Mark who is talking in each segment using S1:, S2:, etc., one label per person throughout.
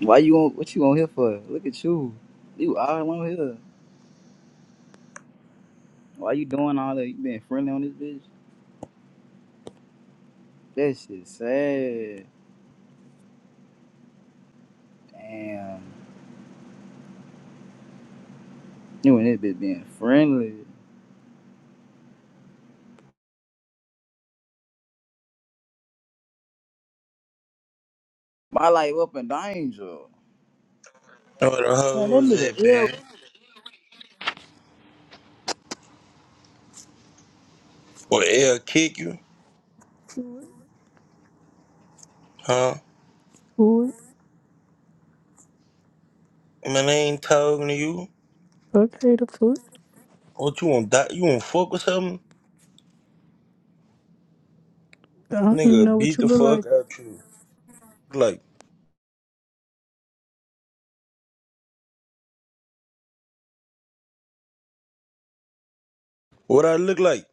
S1: Why you on? What you on here for? Look at you. You all on here. Why you doing all that? You being friendly on this bitch? That shit sad. Damn. You and this bitch being friendly. My life up in danger.
S2: Know where the
S1: Man, that
S2: hoes
S1: nigga
S2: at,
S1: ill
S2: man? Or L kick you?
S3: Food,
S2: Huh?
S3: food.
S2: Man, I ain't talking to you.
S3: Okay, the food.
S2: What you want? Die? You want fuck with something?
S3: I don't even
S2: Nigga,
S3: know what
S2: beat
S3: you
S2: the
S3: look like.
S2: fuck out you. Like, what I look like?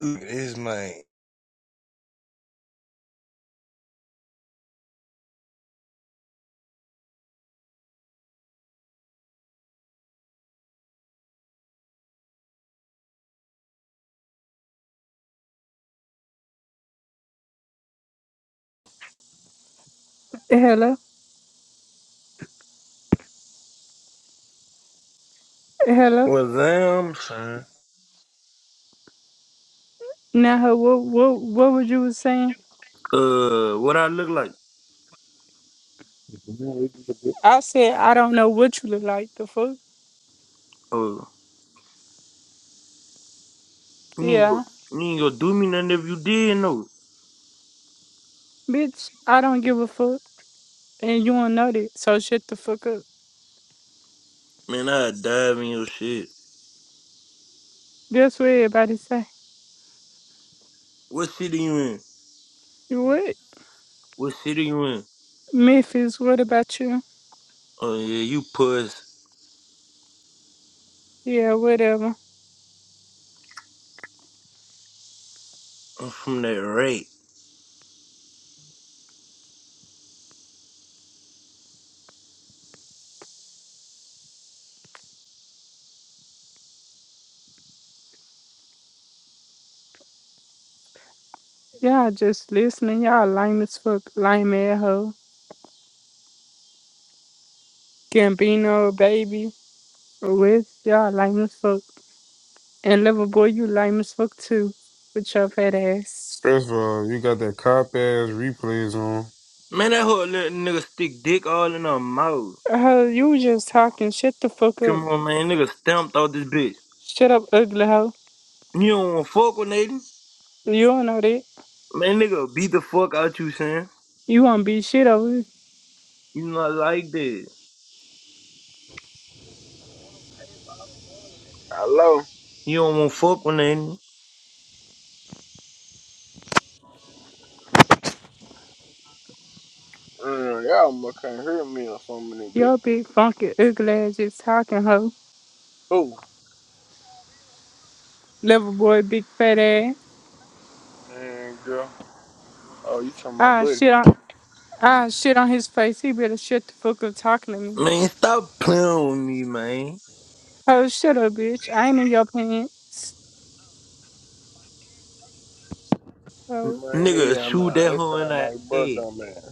S2: Look at this man.
S3: Hello, hello.
S2: Well, damn, son.
S3: Now, her, what, what, what would you was saying?
S2: Uh, what I look like?
S4: If you know, we can get-
S3: I said I don't know what you look like. The fuck?
S2: Oh, you ain't
S3: Yeah,
S2: gonna, you ain't gonna do me nothing if you did, no.
S3: bitch. I don't give a fuck, and you don't know that. So shut the fuck up.
S2: Man, I dive in your shit.
S3: That's what everybody say.
S2: What city you in?
S3: What,
S2: What city you in?
S3: Memphis? What about you?
S2: Oh yeah, you puss.
S3: Yeah, whatever.
S2: I'm from that rape.
S3: Y'all just listening. Y'all lame as fuck. Lame ass hoe. Gambino, baby. West. Y'all lame as fuck. And little boy, you lame as fuck too, with your fat ass.
S5: First of all, you got that cop ass replays on.
S2: Man, that whole little nigga stick dick all in her mouth.
S3: Uh, you was just talking. Shut the fuck up.
S2: Come on, man. Nigga stamped out this bitch.
S3: Shut up, ugly hoe.
S2: You don't want to fuck with Nathan?
S3: You don't know that.
S2: Man, nigga beat the fuck out you, son.
S3: You won't be shit over
S2: You not like that.
S6: Hello.
S2: You don't want to fuck with Nathan?
S6: Mm, y'all must can't hear me or something in bit.
S3: your big funky ugly ass just talking hoe.
S6: Who?
S3: Little boy, big fat ass.
S6: Man, girl. Oh, you talking my
S3: Ah
S6: buddy?
S3: shit on, ah shit on his face. He better shut the fuck up talking to me.
S2: Man, stop playing with me, man.
S3: Oh shut up, bitch. I ain't in your pants. Oh,
S6: Man,
S2: Nigga
S6: hell
S2: shoot
S6: nah.
S2: that
S6: That
S2: hoe in
S6: sound
S2: the
S6: like bro
S2: head.
S6: man.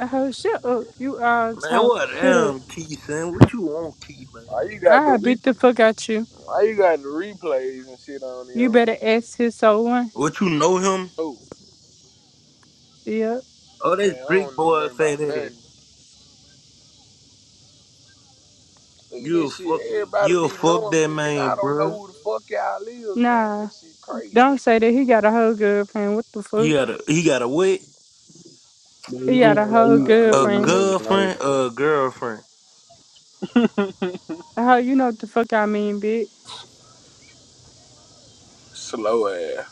S3: oh shut up. You all
S2: Man,
S3: talk.
S2: what
S3: Shut up.
S2: damn Key, son? What you want, Key, man?
S6: Why you got the
S3: I beat the
S6: replay?
S3: fuck out you.
S6: Why you got the replays and shit on
S3: You
S6: your own?
S3: better ask his soul one.
S2: What you know him?
S6: Who?
S3: Yeah.
S2: Oh, that's
S6: Man, I don't
S2: Brick
S6: know
S2: Boy
S6: nothing
S2: fat
S6: about
S2: ass.
S6: nothing. Look at
S2: You a
S6: this shit.
S2: fuck,
S6: Everybody
S2: you a
S6: be
S2: fuck
S6: knowing
S2: that
S6: me, and I
S2: man,
S6: don't know
S2: bruh.
S6: who the fuck y'all is, man.
S3: Nah,
S6: That shit crazy.
S3: don't say that. He got a whole girlfriend. What the
S2: He
S3: fuck?
S2: got a, he got a what?
S4: But
S3: He got
S6: Oh
S4: yeah,
S3: a
S6: my
S4: like
S3: whole
S4: you gotta
S6: god.
S4: know
S2: A
S4: meet
S3: girlfriend.
S4: us in life,
S2: girlfriend
S4: bro.
S2: a girlfriend?
S3: How you know what the fuck I mean, bitch?
S6: Slow ass.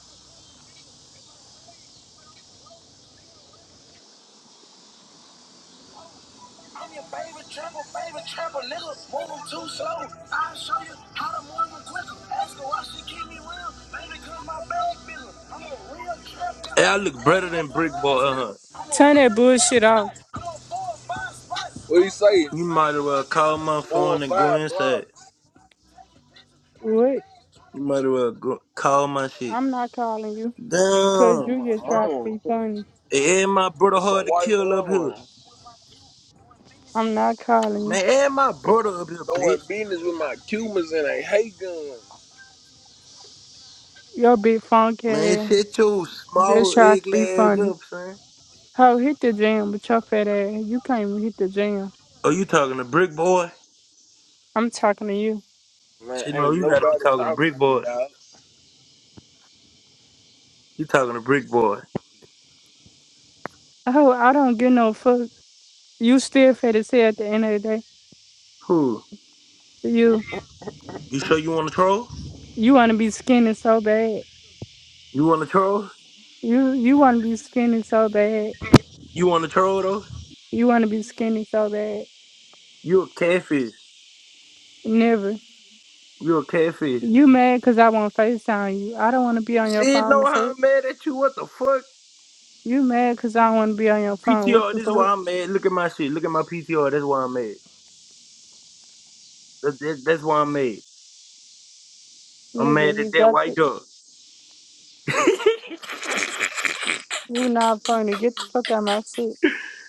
S6: I'm your favorite trapper, favorite trapper, nigga. Move 'em too slow. I'll show you how to move 'em quicker. Ask her why she keep me real. Maybe cause my bag bigger. I'm a real trap
S2: Hey,
S6: guy.
S2: I look
S6: I ain't
S2: better than
S6: like
S2: Brick
S6: her
S2: Boy,
S6: ass,
S2: uh
S6: nigga.
S2: huh.
S6: I'm a
S3: Turn that
S6: real
S3: bullshit
S6: trap
S3: off.
S6: guy. I'm a four or five spot. What he say?
S2: You might as well call
S6: like
S2: my
S6: four or
S2: phone and go
S6: five
S2: inside.
S6: blocks.
S3: What?
S2: You might as well go, call my shit.
S3: I'm not calling you. Cause
S6: I'm
S2: Damn.
S3: you
S6: a
S3: just tried to be
S6: mama.
S3: funny.
S2: Hey, and my brother
S6: It's a
S2: hard to
S6: white
S2: kill up here.
S6: woman.
S3: I'm not calling you.
S2: Man, and my brother up here,
S6: Doing
S2: bitch.
S6: business with my Cubans and they hate guns.
S3: Your big funky
S2: Man,
S3: ass
S2: shut your
S3: just
S2: small
S3: tried to
S2: ugly
S3: be
S2: ass
S3: funny.
S2: up, son.
S3: Ho, hit the gym with your fat ass. You can't even hit the gym.
S2: Oh, you talking to Brick Boy?
S3: I'm talking to you.
S6: Man,
S2: Shit, no,
S6: ain't
S2: you gotta be
S6: nobody
S2: talking to
S6: talking to
S2: Brick
S6: me,
S2: Boy.
S6: dog.
S2: You talking to Brick Boy.
S3: Oh, I don't give no fuck. You still fat as hell at the end of the day.
S2: Who?
S3: You,
S2: You sure you wanna troll?
S3: you want to be skinny so bad.
S2: You wanna troll?
S3: You you want to be skinny so bad.
S2: You wanna troll though?
S3: You want to be skinny so bad.
S2: You a catfish.
S3: Never.
S2: you a catfish.
S3: You mad because I want to FaceTime you. I don't want to be on your
S2: Shit,
S3: phone
S2: know
S3: the
S2: how
S3: fuck.
S2: I'm mad at you? What the fuck?
S3: You mad because I want to be on your phone. What
S2: PTR,
S3: the
S2: this is
S3: fuck?
S2: why I'm mad. Look at my shit. Look at my PTR. That's why I'm mad. That, that- that's why I'm mad. I'm
S3: Nigga,
S2: mad at
S3: you
S2: that
S3: got
S2: white
S3: it.
S2: dog.
S3: You not funny. Get the fuck out of my shit.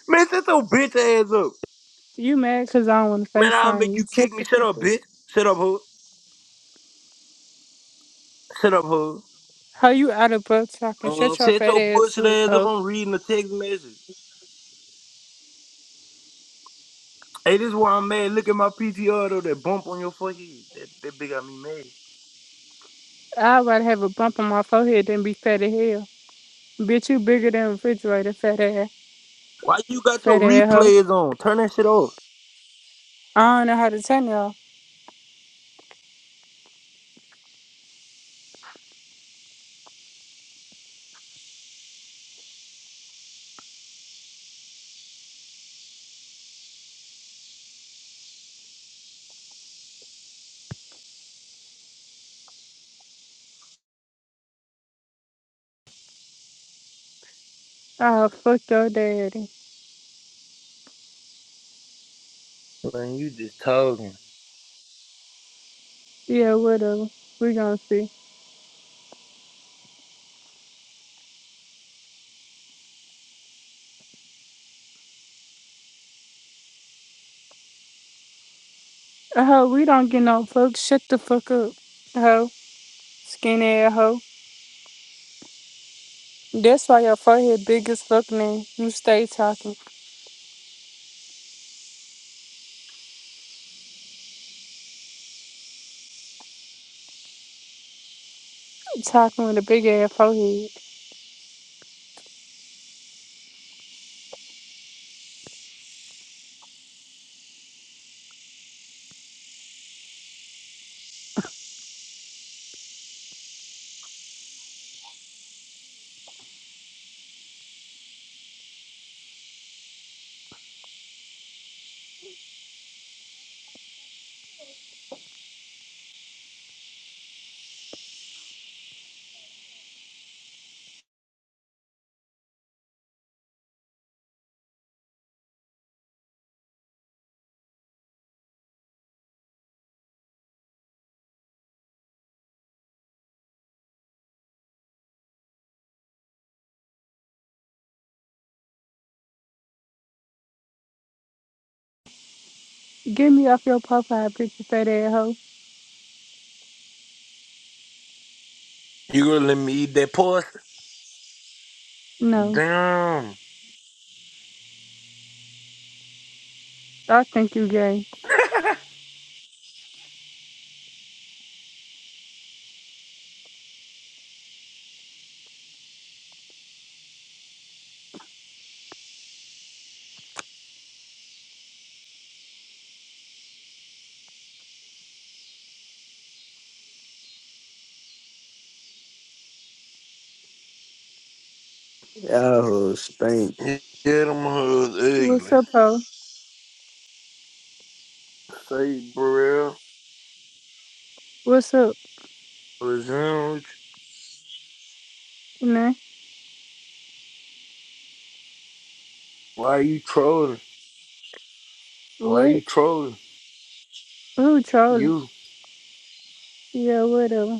S2: Man, set your bitch ass up.
S3: You mad because I don't want to
S2: Man, I'll
S3: FaceTime
S2: make you
S3: you. Shut
S2: kick me.
S3: the
S2: Shut
S3: fuck
S2: up,
S3: up.
S2: bitch. Shut up, hoe. Shut up, hoe.
S3: How you out of butt talking?
S2: Man,
S3: Shut your
S2: set
S3: fat
S2: your
S3: ass
S2: bullshit
S3: up,
S2: ass up.
S3: hoe.
S2: I'm reading the text message. Hey, this is why I'm mad. Look at my PTR though. That bump on your forehead. That, that bitch got me mad.
S3: I'd rather have a bump on my forehead than be fat as hell. Bitch, you bigger than a refrigerator, fat ass.
S2: Why you got your
S3: Fat ass hoe.
S2: replays on? Turn that shit off.
S3: I don't know how to tell y'all. Oh, fuck your daddy.
S2: Man, you just talking.
S3: Yeah, whatever. We gonna see. A hoe, we don't get no fuck. Shut the fuck up. hoe, skinny ass hoe. That's why your forehead big as fuck, man. You stay talking. Talking with a big ass forehead. Get me off your profile picture, fat ass hoe.
S2: You gonna let me eat that pussy?
S3: No,
S2: Damn.
S3: I think you gay.
S7: Y'all hoes stink.
S2: Yeah, them hoes
S3: What's
S2: ugly.
S3: up, hoe?
S2: Say, Burrell,
S3: What's up,
S2: Lazange,
S3: man?
S2: why you trolling? Why
S3: What?
S2: you trolling?
S3: Who trolling?
S2: You.
S3: Yeah, whatever.